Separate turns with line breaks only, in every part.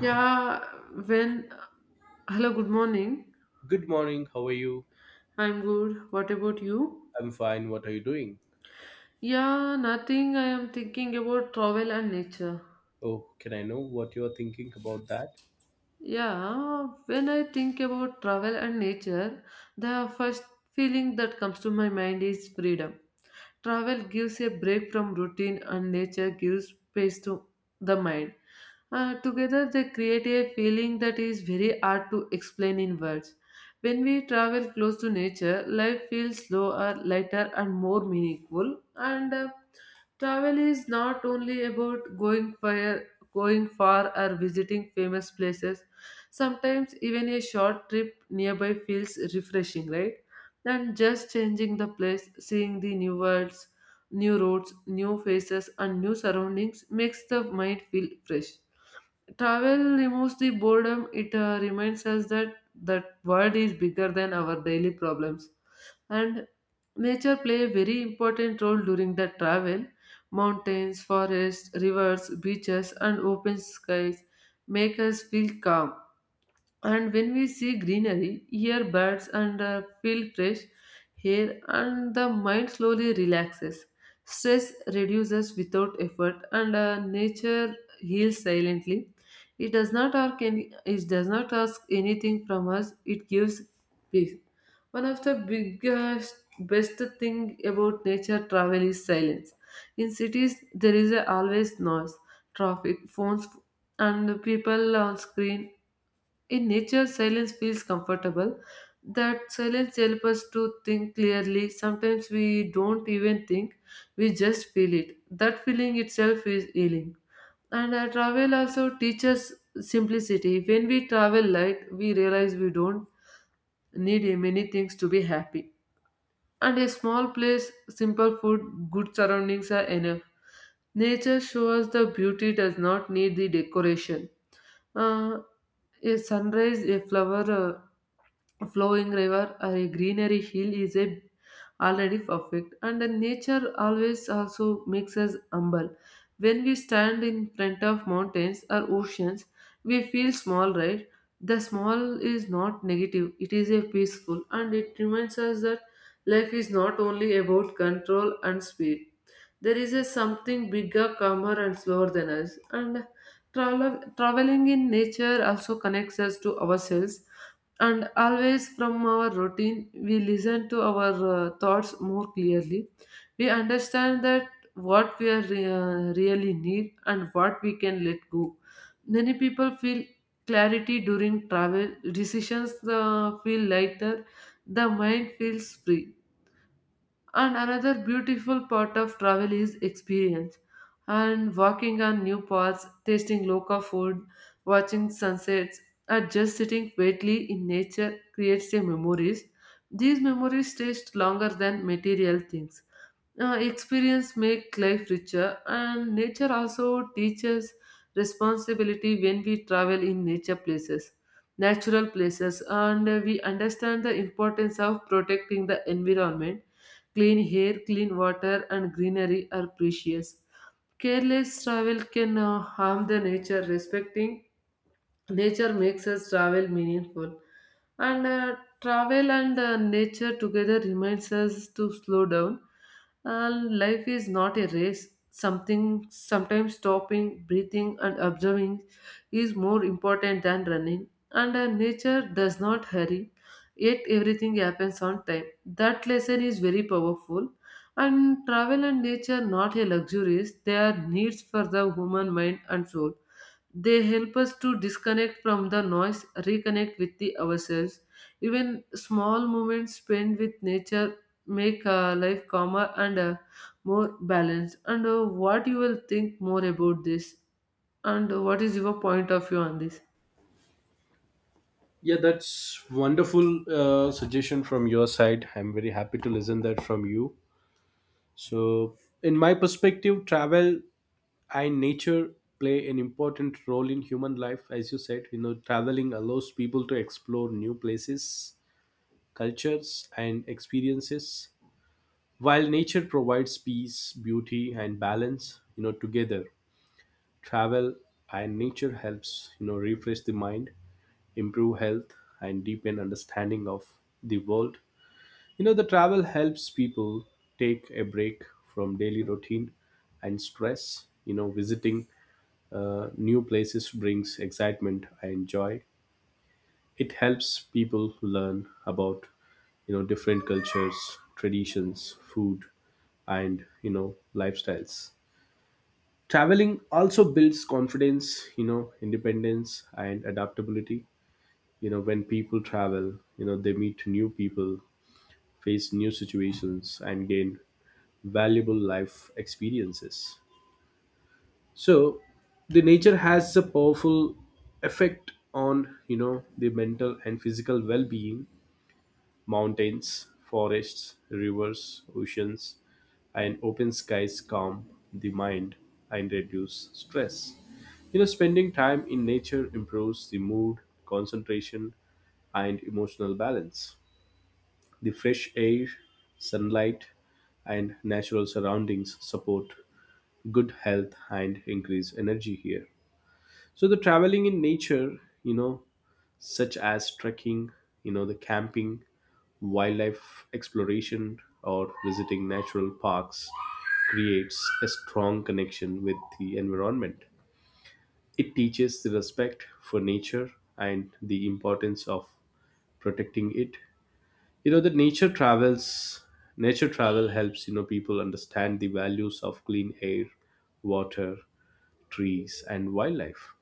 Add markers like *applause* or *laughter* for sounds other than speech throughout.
Yeah, when. Hello, good morning.
Good morning. How are you?
I'm good. What about you?
I'm fine. What are you doing?
Yeah, nothing. I am thinking about travel and nature.
Oh, can I know what you are thinking about that?
Yeah, when I think about travel and nature, the first feeling that comes to my mind is freedom. Travel gives a break from routine, and nature gives space to the mind. Together, they create a feeling that is very hard to explain in words. When we travel close to nature, life feels slower, lighter, and more meaningful. And travel is not only about going far or visiting famous places. Sometimes even a short trip nearby feels refreshing, right? And just changing the place, seeing the new worlds, new roads, new faces, and new surroundings makes the mind feel fresh. Travel removes the boredom, it reminds us that that world is bigger than our daily problems, and nature play a very important role during the travel. Mountains, forests, rivers, beaches and open skies make us feel calm, and when we see greenery, hear birds, and feel fresh air, and the mind slowly relaxes. Stress reduces without effort, and nature heals silently. It does not ask anything from us. It gives peace. One of the best thing about nature travel is silence. In cities, there is a always noise, traffic, phones, and people on screen. In nature, silence feels comfortable. That silence helps us to think clearly. Sometimes we don't even think, we just feel it. That feeling itself is healing. And travel also teaches simplicity. When we travel light, we realize we don't need many things to be happy. And a small place, simple food, good surroundings are enough. Nature shows the beauty does not need the decoration. Uh, a sunrise, a flower, flowing river, or a greenery hill is a already perfect, and the nature always also makes us humble. When we stand in front of mountains or oceans, we feel small, right? The small is not negative; it is a peaceful, and it reminds us that life is not only about control and speed. There is a something bigger, calmer, and slower than us. And traveling in nature also connects us to ourselves, and always from our routine we listen to our thoughts more clearly. We understand that what we are really need and what we can let go. Many people feel clarity during travel. Decisions feel lighter, the mind feels free. And another beautiful part of travel is experience. And walking on new paths, tasting local food, watching sunsets, or just sitting quietly in nature creates a memories. These memories taste longer than material things. Experience make life richer, and nature also teaches responsibility. When we travel in nature places Natural places, and we understand the importance of protecting the environment. Clean air, clean water and greenery are precious. Careless travel can harm the nature. Respecting nature makes us travel meaningful. And travel and nature together reminds us to slow down, and life is not a race. Something Sometimes stopping, breathing and observing is more important than running, and nature does not hurry, yet everything happens on time. That lesson is very powerful. And travel and nature not a luxuries, they are needs for the human mind and soul. They help us to disconnect from the noise, reconnect with the ourselves. Even small moments spent with nature make life calmer and more balanced. And what you will think more about this? And what is your point of view on this?
Yeah, that's wonderful suggestion from your side. I'm very happy to listen that from you. So, in my perspective, travel and nature play an important role in human life. As you said, you know, traveling allows people to explore new places, cultures, and experiences, while nature provides peace, beauty, and balance. You know, together travel and nature helps you know refresh the mind, improve health, and deepen understanding of the world. You know, the travel helps people take a break from daily routine and stress. You know, visiting new places brings excitement and joy. It helps people learn about, you know, different cultures, traditions, food, and, you know, lifestyles. Traveling also builds confidence, you know, independence and adaptability. You know, when people travel, you know, they meet new people, face new situations, and gain valuable life experiences. So the nature has a powerful effect on, you know, the mental and physical well-being. Mountains, forests, rivers, oceans, and open skies calm the mind and reduce stress. You know, spending time in nature improves the mood, concentration, and emotional balance. The fresh air, sunlight, and natural surroundings support good health and increase energy here. So the traveling in nature, you know, such as trekking, you know, the camping, wildlife exploration, or visiting natural parks creates a strong connection with the environment. It teaches the respect for nature and the importance of protecting it. You know, the nature travels, nature travel helps, you know, people understand the values of clean air, water, trees, and wildlife.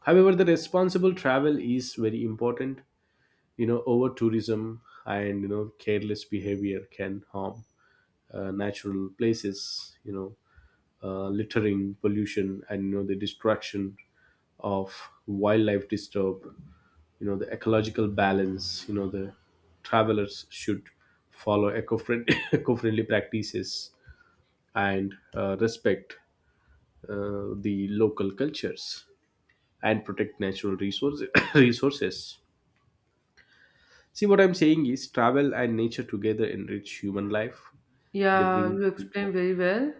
However, the responsible travel is very important. You know, over tourism and, you know, careless behavior can harm natural places. You know, littering, pollution, and, you know, the destruction of wildlife disturb, you know, the ecological balance. You know, the travelers should follow eco-friendly, *coughs* *laughs* eco-friendly practices and respect the local cultures and protect natural resources *coughs* resources. See, what I'm saying is travel and nature together enrich human life. They
Yeah,
bring.
you explained very well.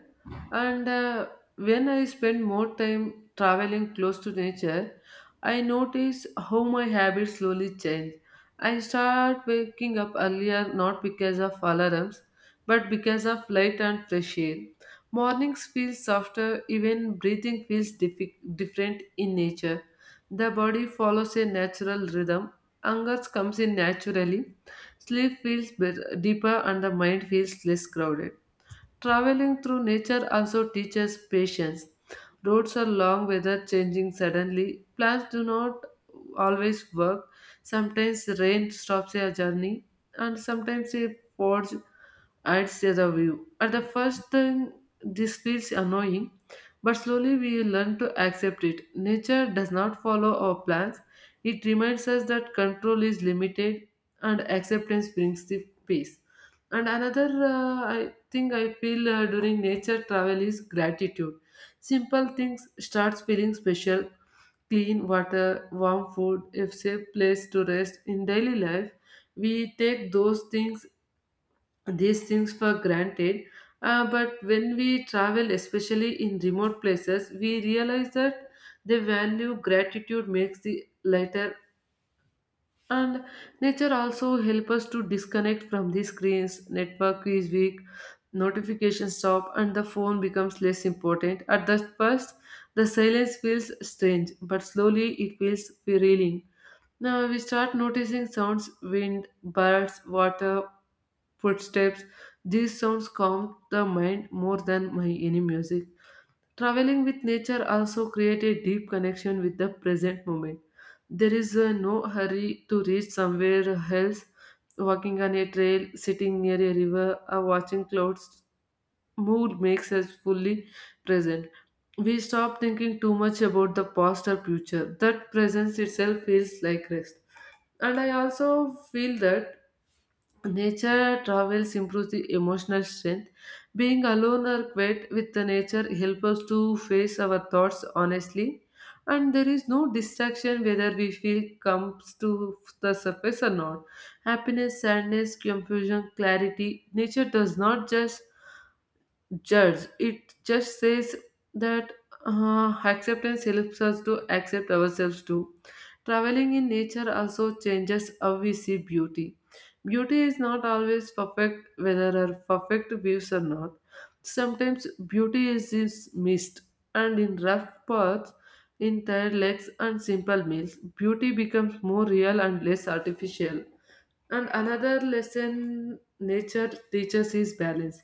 And when I spend more time traveling close to nature, I notice how my habits slowly change. I start waking up earlier not because of alarms, but because of light and fresh air. Mornings feel softer, even breathing feels different in nature. The body follows a natural rhythm. Hunger comes in naturally. Sleep feels deeper, and the mind feels less crowded. Traveling through nature also teaches patience. Roads are long, weather changing suddenly. Plans do not always work. Sometimes rain stops a journey, and sometimes a forge I'd say the view. At the first thing, this feels annoying, but slowly we learn to accept it. Nature does not follow our plans, it reminds us that control is limited, and acceptance brings the peace. And another I think I feel during nature travel is gratitude. Simple things starts feeling special. Clean water, warm food, a safe place to rest. In daily life, we take those things these things for granted. But when we travel, especially in remote places, we realize that the value gratitude makes the lighter. And nature also help us to disconnect from the screens. Network is weak, notifications stop, and the phone becomes less important. At the first, the silence feels strange, but slowly it feels thrilling. Now we start noticing sounds, wind, birds, water, footsteps. These sounds calm the mind more than my any music. Traveling with nature also creates a deep connection with the present moment. There is no hurry to reach somewhere else. Walking on a trail, sitting near a river, or watching clouds move makes us fully present. We stop thinking too much about the past or future. That presence itself feels like rest. And I also feel that nature travels improves the emotional strength. Being alone or quiet with the nature helps us to face our thoughts honestly, and there is no distraction whether we feel comes to the surface or not. Happiness, sadness, confusion, clarity. Nature does not judge. It just says that acceptance helps us to accept ourselves too. Traveling in nature also changes how we see beauty. Beauty is not always perfect, whether our perfect views or not. Sometimes beauty is in mist, and in rough paths, in tired legs, and simple meals, beauty becomes more real and less artificial. And another lesson nature teaches is balance.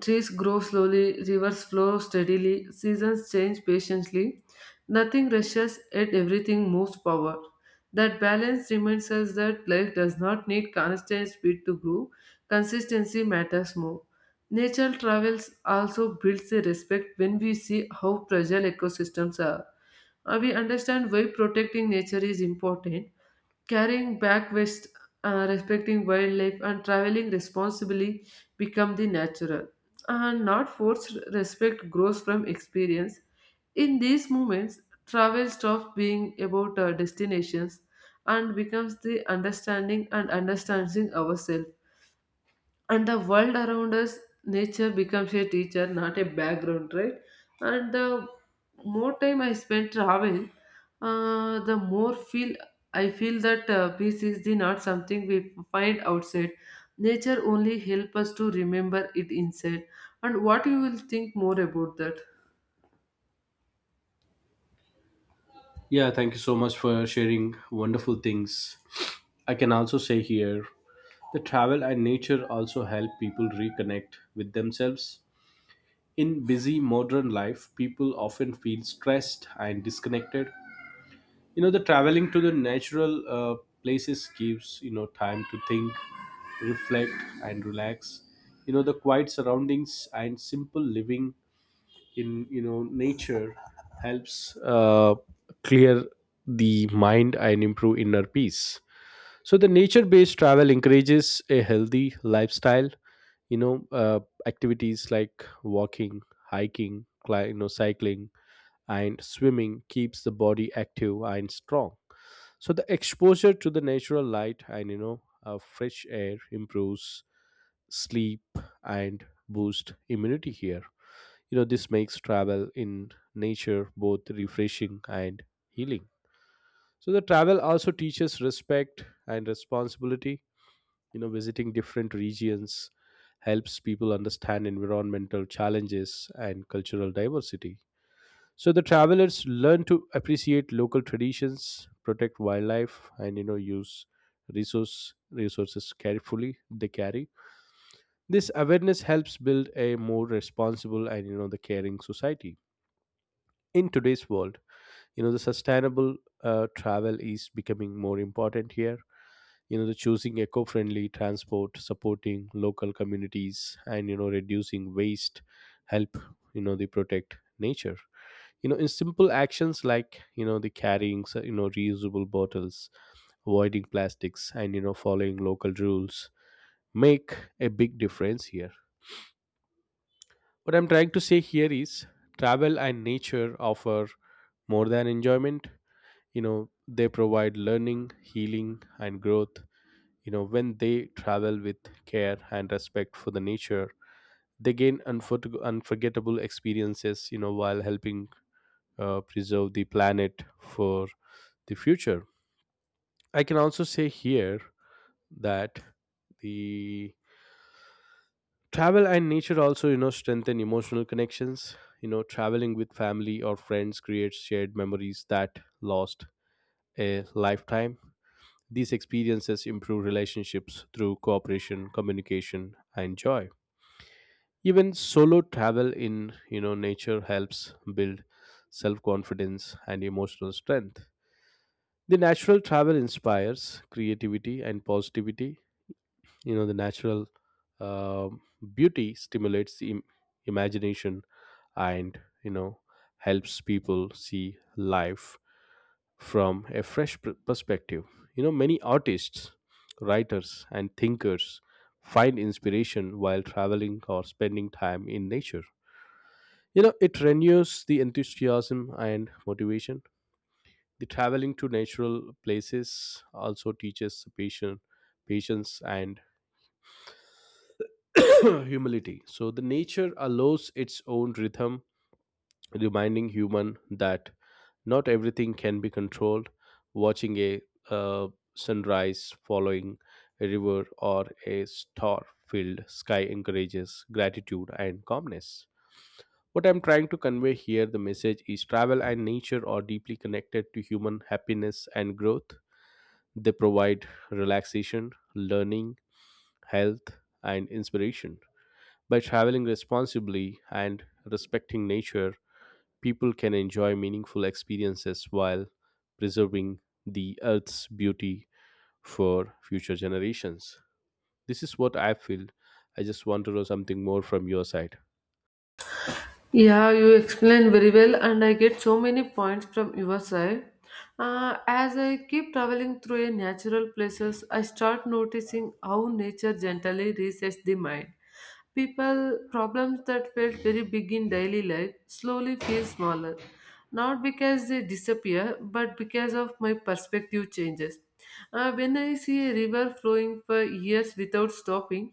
Trees grow slowly, rivers flow steadily, seasons change patiently. Nothing rushes, yet everything moves forward. That balance reminds us that life does not need constant speed to grow, consistency matters more. Nature travels also builds a respect when we see how fragile ecosystems are. We understand why protecting nature is important. Carrying back waste, respecting wildlife, and traveling responsibly become the natural. And not forced respect grows from experience. In these moments, travel stops being about our destinations and becomes the understanding ourselves and the world around us. Nature becomes a teacher, not a background, right? And the more time I spend traveling, the more feel I feel that peace is the not something we find outside. Nature only help us to remember it inside. And what you will think more about that?
Yeah, thank you so much for sharing wonderful things. I can also say here the travel and nature also help people reconnect with themselves. In busy modern life, people often feel stressed and disconnected. You know, the traveling to the natural places gives, you know, time to think, reflect, and relax. You know, the quiet surroundings and simple living in, you know, nature helps clear the mind and improve inner peace. So the nature based travel encourages a healthy lifestyle. You know, activities like walking, hiking, you know, cycling, and swimming keeps the body active and strong. So the exposure to the natural light and, you know, fresh air improves sleep and boost immunity here. You know, this makes travel in nature both refreshing and healing. So the travel also teaches respect and responsibility. You know, visiting different regions helps people understand environmental challenges and cultural diversity. So the travelers learn to appreciate local traditions, protect wildlife, and, you know, use resources carefully they carry. This awareness helps build a more responsible and, you know, the caring society in today's world. You know, the sustainable travel is becoming more important here. You know, the choosing eco-friendly transport, supporting local communities, and, you know, reducing waste help, you know, they protect nature. You know, in simple actions like, you know, the carrying you know, reusable bottles, avoiding plastics, and, you know, following local rules make a big difference here. What I'm trying to say here is travel and nature offer more than enjoyment. You know, they provide learning, healing, and growth. You know, when they travel with care and respect for the nature, they gain unforgettable experiences, you know, while helping preserve the planet for the future. I can also say here that the travel and nature also, you know, strengthen emotional connections. You know, traveling with family or friends creates shared memories that last a lifetime. These experiences improve relationships through cooperation, communication, and joy. Even solo travel in, you know, nature helps build self-confidence and emotional strength. The natural travel inspires creativity and positivity. You know, the natural um beauty stimulates the imagination and, you know, helps people see life from a fresh perspective. You know, many artists, writers, and thinkers find inspiration while traveling or spending time in nature. You know, it renews the enthusiasm and motivation. The traveling to natural places also teaches patience and *clears throat* humility. So the nature allows its own rhythm, reminding human that not everything can be controlled. Watching a uh, sunrise, following a river, or a star filled sky encourages gratitude and calmness. What I'm trying to convey here, the message is travel and nature are deeply connected to human happiness and growth. They provide relaxation, learning, health, and inspiration. By traveling responsibly and respecting nature, people can enjoy meaningful experiences while preserving the earth's beauty for future generations. This is what I feel. I just want to know something more from your side.
Yeah, you explained very well, and I get so many points from your side. As I keep traveling through a natural places, I start noticing how nature gently resets the mind. People problems that felt very big in daily life slowly feel smaller, not because they disappear, but because of my perspective changes. When I see a river flowing for years without stopping,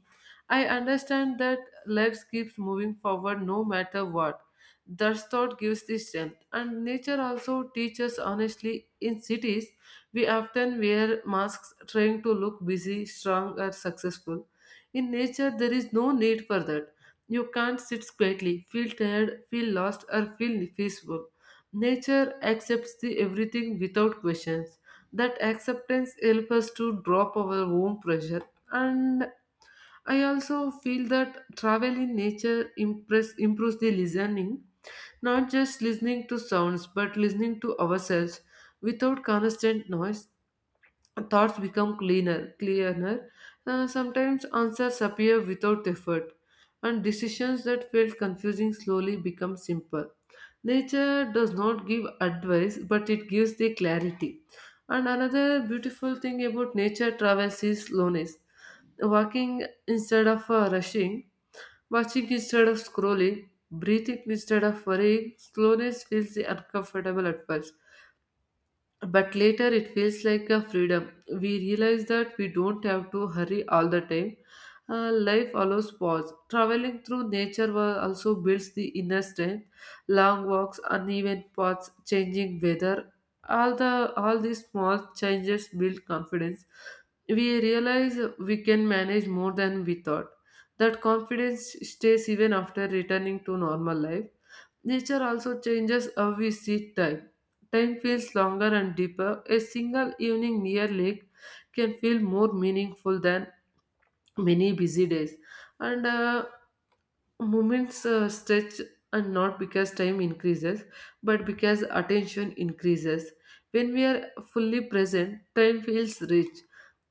I understand that legs keeps moving forward no matter what. That thought gives the strength. And nature also teaches honestly. In cities we often wear masks trying to look busy, strong or successful. In nature there is no need for that. You can't sit quietly, feel tired, feel lost or feel peaceful. Nature accepts the everything without questions. That acceptance helps us to drop our own pressure. And I also feel that travel in nature improves the listening, not just listening to sounds, but listening to ourselves. Without constant noise, thoughts become cleaner, clearer. Sometimes answers appear without effort, and decisions that felt confusing slowly become simple. Nature does not give advice, but it gives the clarity. And another beautiful thing about nature travels is slowness. Walking instead of rushing. Watching instead of scrolling, breathing instead of worrying, slowness feels uncomfortable at first. But later it feels like a freedom. We realize that we don't have to hurry all the time. Life allows pause. Traveling through nature also builds the inner strength. Long walks, uneven paths, changing weather, all these small changes build confidence. We realize we can manage more than we thought. That confidence stays even after returning to normal life. Nature also changes how we see time. Time feels longer and deeper. A single evening near lake can feel more meaningful than many busy days. And moments stretch, and not because time increases, but because attention increases. When we are fully present, time feels rich.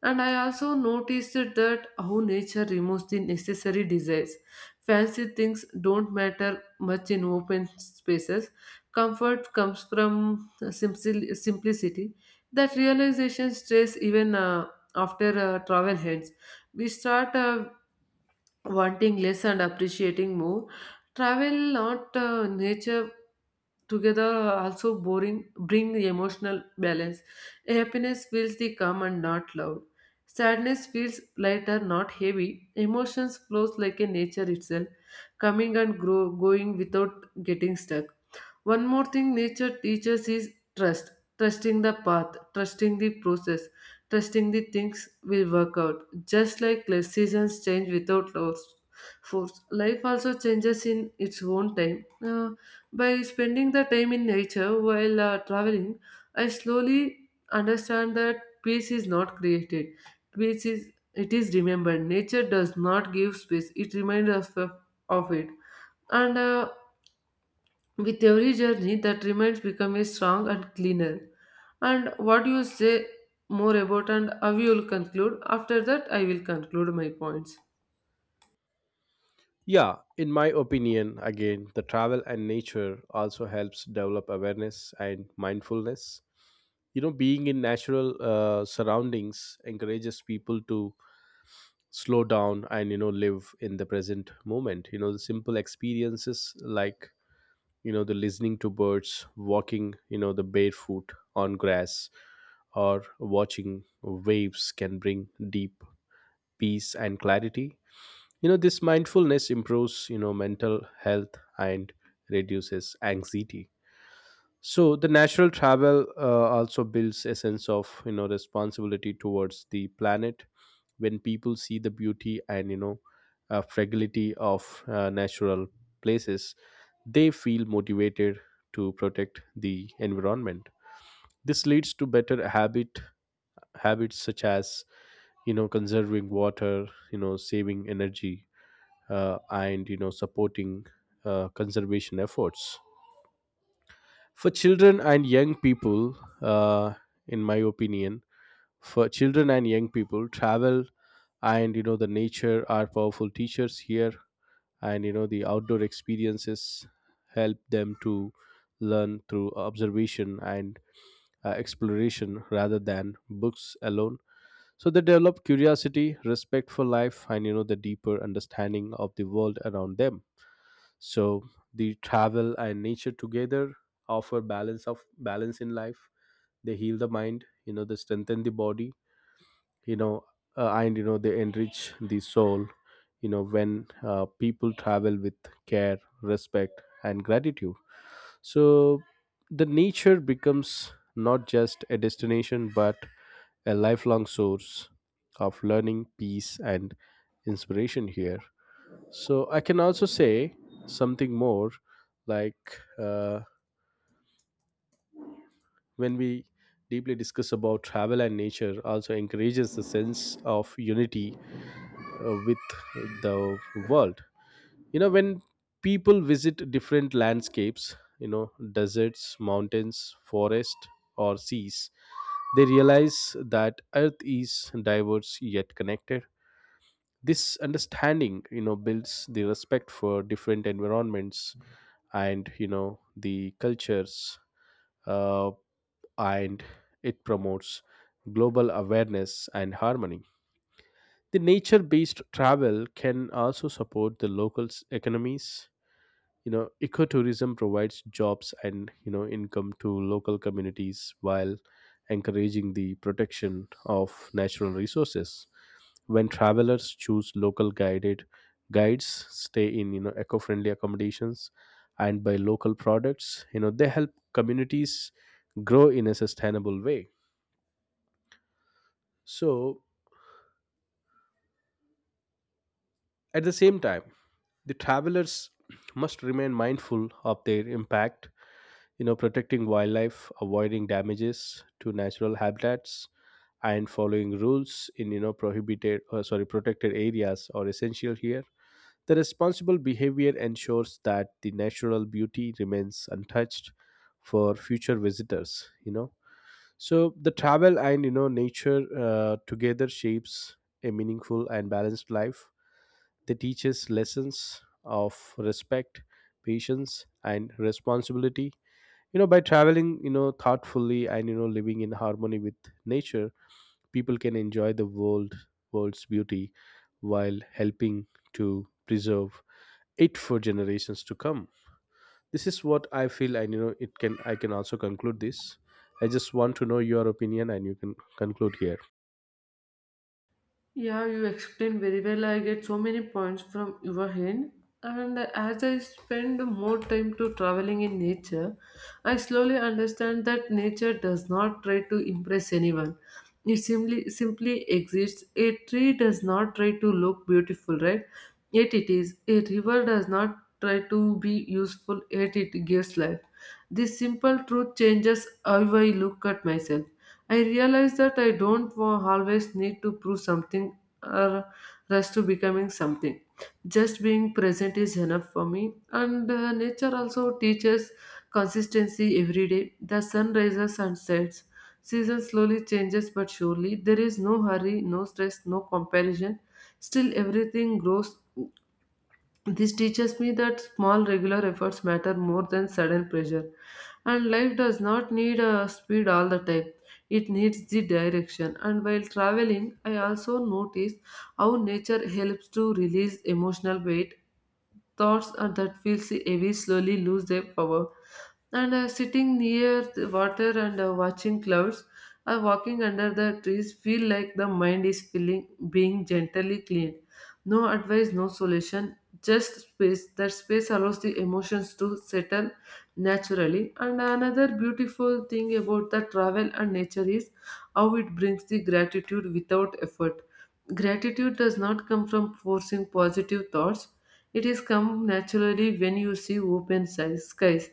And I also noticed that how nature removes the necessary desires. Fancy things don't matter much in open spaces. Comfort comes from simplicity. That realization stays even after travel ends. We start wanting less and appreciating more travel not nature together also boring bring the emotional balance. A happiness feels the calm and not loud. Sadness feels lighter, not heavy. Emotions flows like a nature itself, coming and grow, going without getting stuck. One more thing nature teaches is trust. Trusting the path, trusting the process, trusting the things will work out. Just like the seasons change without loss force. Life also changes in its own time. By spending the time in nature while traveling, I slowly understand that peace is not created. Peace is it is remembered. Nature does not give space; it reminds us of it. And with every journey, that reminds becomes strong and cleaner. And what you say more about, and how you will conclude. After that, I will conclude my points.
Yeah, in my opinion, again, the travel and nature also helps develop awareness and mindfulness. You know, being in natural surroundings encourages people to slow down and, you know, live in the present moment. You know, the simple experiences like, you know, the listening to birds, walking, you know, the barefoot on grass, or watching waves can bring deep peace and clarity. You know, this mindfulness improves, you know, mental health and reduces anxiety. So the natural travel also builds a sense of, you know, responsibility towards the planet. When people see the beauty and, you know, fragility of natural places, they feel motivated to protect the environment. This leads to better habits such as, you know, conserving water, you know, saving energy, and, you know, supporting conservation efforts for children and young people. uh, in my opinion, for children and young people, travel and, you know, the nature are powerful teachers here. And, you know, the outdoor experiences help them to learn through observation and exploration rather than books alone. So they develop curiosity, respect for life, and, you know, the deeper understanding of the world around them. So the travel and nature together offer balance in life. They heal the mind, you know, they strengthen the body, you know, and, you know, they enrich the soul. You know, when people travel with care, respect, and gratitude, so the nature becomes not just a destination but a lifelong source of learning, peace, and inspiration here. So I can also say something more, like when we deeply discuss about travel and nature, also encourages the sense of unity with the world. You know, when people visit different landscapes, you know, deserts, mountains, forest, or seas, they realize that earth is diverse yet connected. This understanding, you know, builds the respect for different environments and, you know, the cultures, uh, and it promotes global awareness and harmony. The nature based travel can also support the local economies. You know, ecotourism provides jobs and, you know, income to local communities while encouraging the protection of natural resources. When travelers choose local guided guides, stay in, you know, eco-friendly accommodations, and buy local products, you know, they help communities grow in a sustainable way. So at the same time, the travelers must remain mindful of their impact, you know, protecting wildlife, avoiding damages to natural habitats, and following rules in, you know, prohibited, sorry, protected areas are essential here. The responsible behavior ensures that the natural beauty remains untouched for future visitors. You know, so the travel and, you know, nature together shapes a meaningful and balanced life. They teach us lessons of respect, patience, and responsibility. You know, by traveling, you know, thoughtfully and, you know, living in harmony with nature, people can enjoy the world's beauty while helping to preserve it for generations to come. This is what I feel, and, you know, it can I can also conclude this. I just want to know your opinion, and you can conclude here.
Yeah, you explained very well. I get so many points from your hand. And as I spend more time to traveling in nature, I slowly understand that nature does not try to impress anyone. It simply exists. A tree does not try to look beautiful, right? Yet it is. A river does not try to be useful, yet it gives life. This simple truth changes how I look at myself. I realize that I don't wa- always need to prove something or rush to becoming something. Just being present is enough for me. And nature also teaches consistency every day. The sun rises and sets. Season slowly changes but surely. There is no hurry, no stress, no comparison. Still, everything grows. This teaches me that small regular efforts matter more than sudden pressure. And life does not need speed all the time. It needs the direction. And while traveling, I also notice how nature helps to release emotional weight thoughts that feel heavy slowly lose their power. And sitting near the water and watching clouds or walking under the trees feel like the mind is feeling being gently cleaned. No advice, no solution, just space. That space allows the emotions to settle naturally. And another beautiful thing about the travel and nature is how it brings the gratitude without effort. Gratitude does not come from forcing positive thoughts, it is come naturally when you see skies,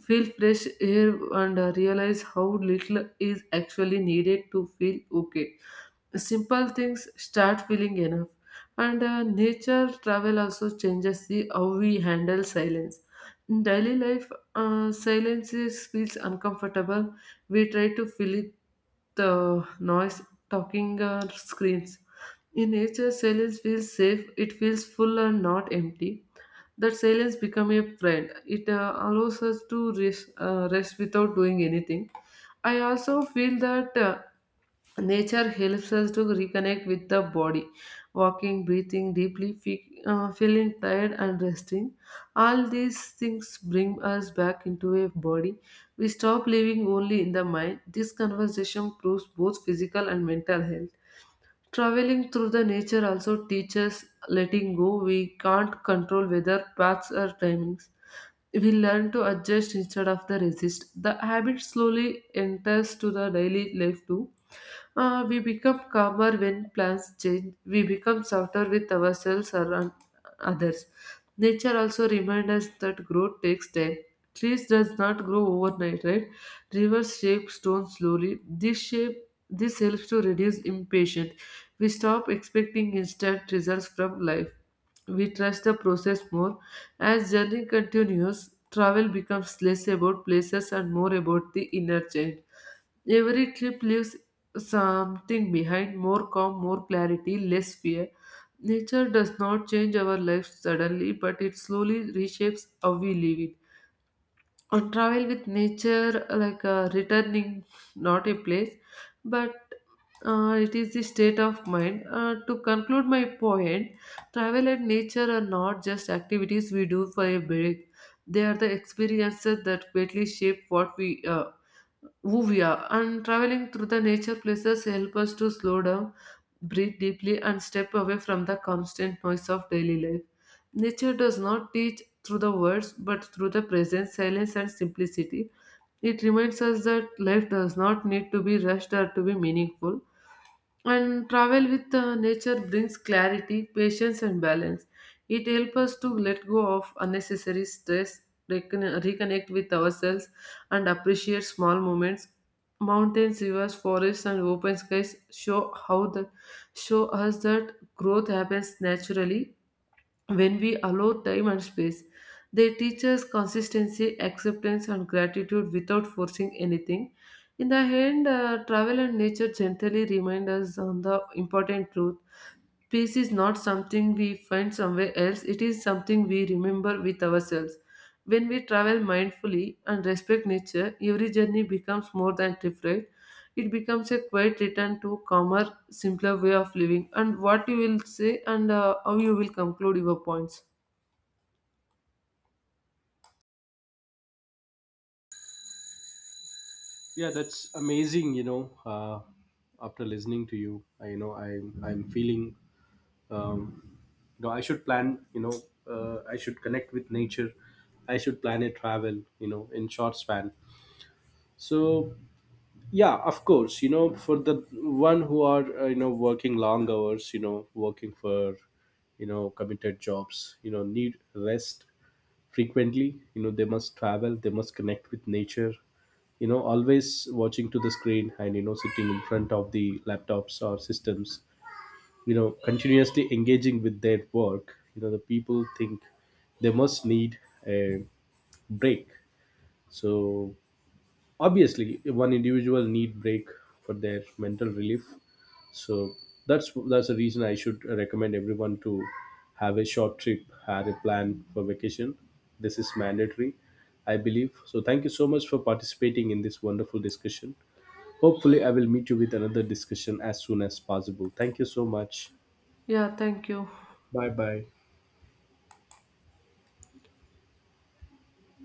feel fresh air, and realize how little is actually needed to feel okay. Simple things start feeling enough, and nature travel also changes the how we handle silence. In daily life, silence is, feels uncomfortable. We try to fill it the noise talking screens. In nature, silence feels safe. It feels full and not empty. That silence become a friend. It allows us to rest, rest without doing anything. I also feel that nature helps us to reconnect with the body. Walking, breathing deeply, feeling tired, and resting. All these things bring us back into a body. We stop living only in the mind. This conversation proves both physical and mental health. Traveling through the nature also teaches letting go. We can't control weather, paths, or timings. We learn to adjust instead of the resist. The habit slowly enters to the daily life too. We become calmer when plans change. We become softer with ourselves around others. Nature also reminds us that growth takes time. Trees does not grow overnight, right? Rivers shape stones slowly. This helps to reduce impatience. We stop expecting instant results from life. We trust the process more. As journey continues, travel becomes less about places and more about the inner change. Every trip leaves something behind, more calm, more clarity, less fear. Nature does not change our lives suddenly, but it slowly reshapes how we live it. On travel with nature, like returning, not a place, but it is the state of mind. To conclude my point, travel and nature are not just activities we do for a break. They are the experiences that greatly shape what we who we are, and traveling through the nature places help us to slow down, breathe deeply, and step away from the constant noise of daily life. Nature does not teach through the words but through the presence, silence, and simplicity. It reminds us that life does not need to be rushed or to be meaningful. And travel with nature brings clarity, patience, and balance. It helps us to let go of unnecessary stress, reconnect with ourselves, and appreciate small moments. Mountains, rivers, forests, and open skies show how the show us that growth happens naturally when we allow time and space. They teach us consistency, acceptance, and gratitude without forcing anything. In the end, travel and nature gently remind us on the important truth. Peace is not something we find somewhere else, it is something we remember with ourselves. When we travel mindfully and respect nature, every journey becomes more than trip ride. It becomes a quiet return to calmer, simpler way of living. And what you will say and how you will conclude your points.
Yeah, that's amazing. You know, after listening to you, I'm feeling um, you know, I should plan, you know, I should connect with nature, I should plan a travel, you know, in short span. So, yeah, of course, you know, for the one who are you know, working long hours, you know, working for, you know, committed jobs, you know, need rest frequently, you know, they must travel, they must connect with nature. You know, always watching to the screen and, you know, sitting in front of the laptops or systems, you know, continuously engaging with their work, you know, the people think they must need a break. So obviously one individual need break for their mental relief. So that's the reason I should recommend everyone to have a short trip, have a plan for vacation. This is mandatory, I believe. So thank you so much for participating in this wonderful discussion. Hopefully I will meet you with another discussion as soon as possible. Thank you so much.
Yeah, thank you.
Bye bye.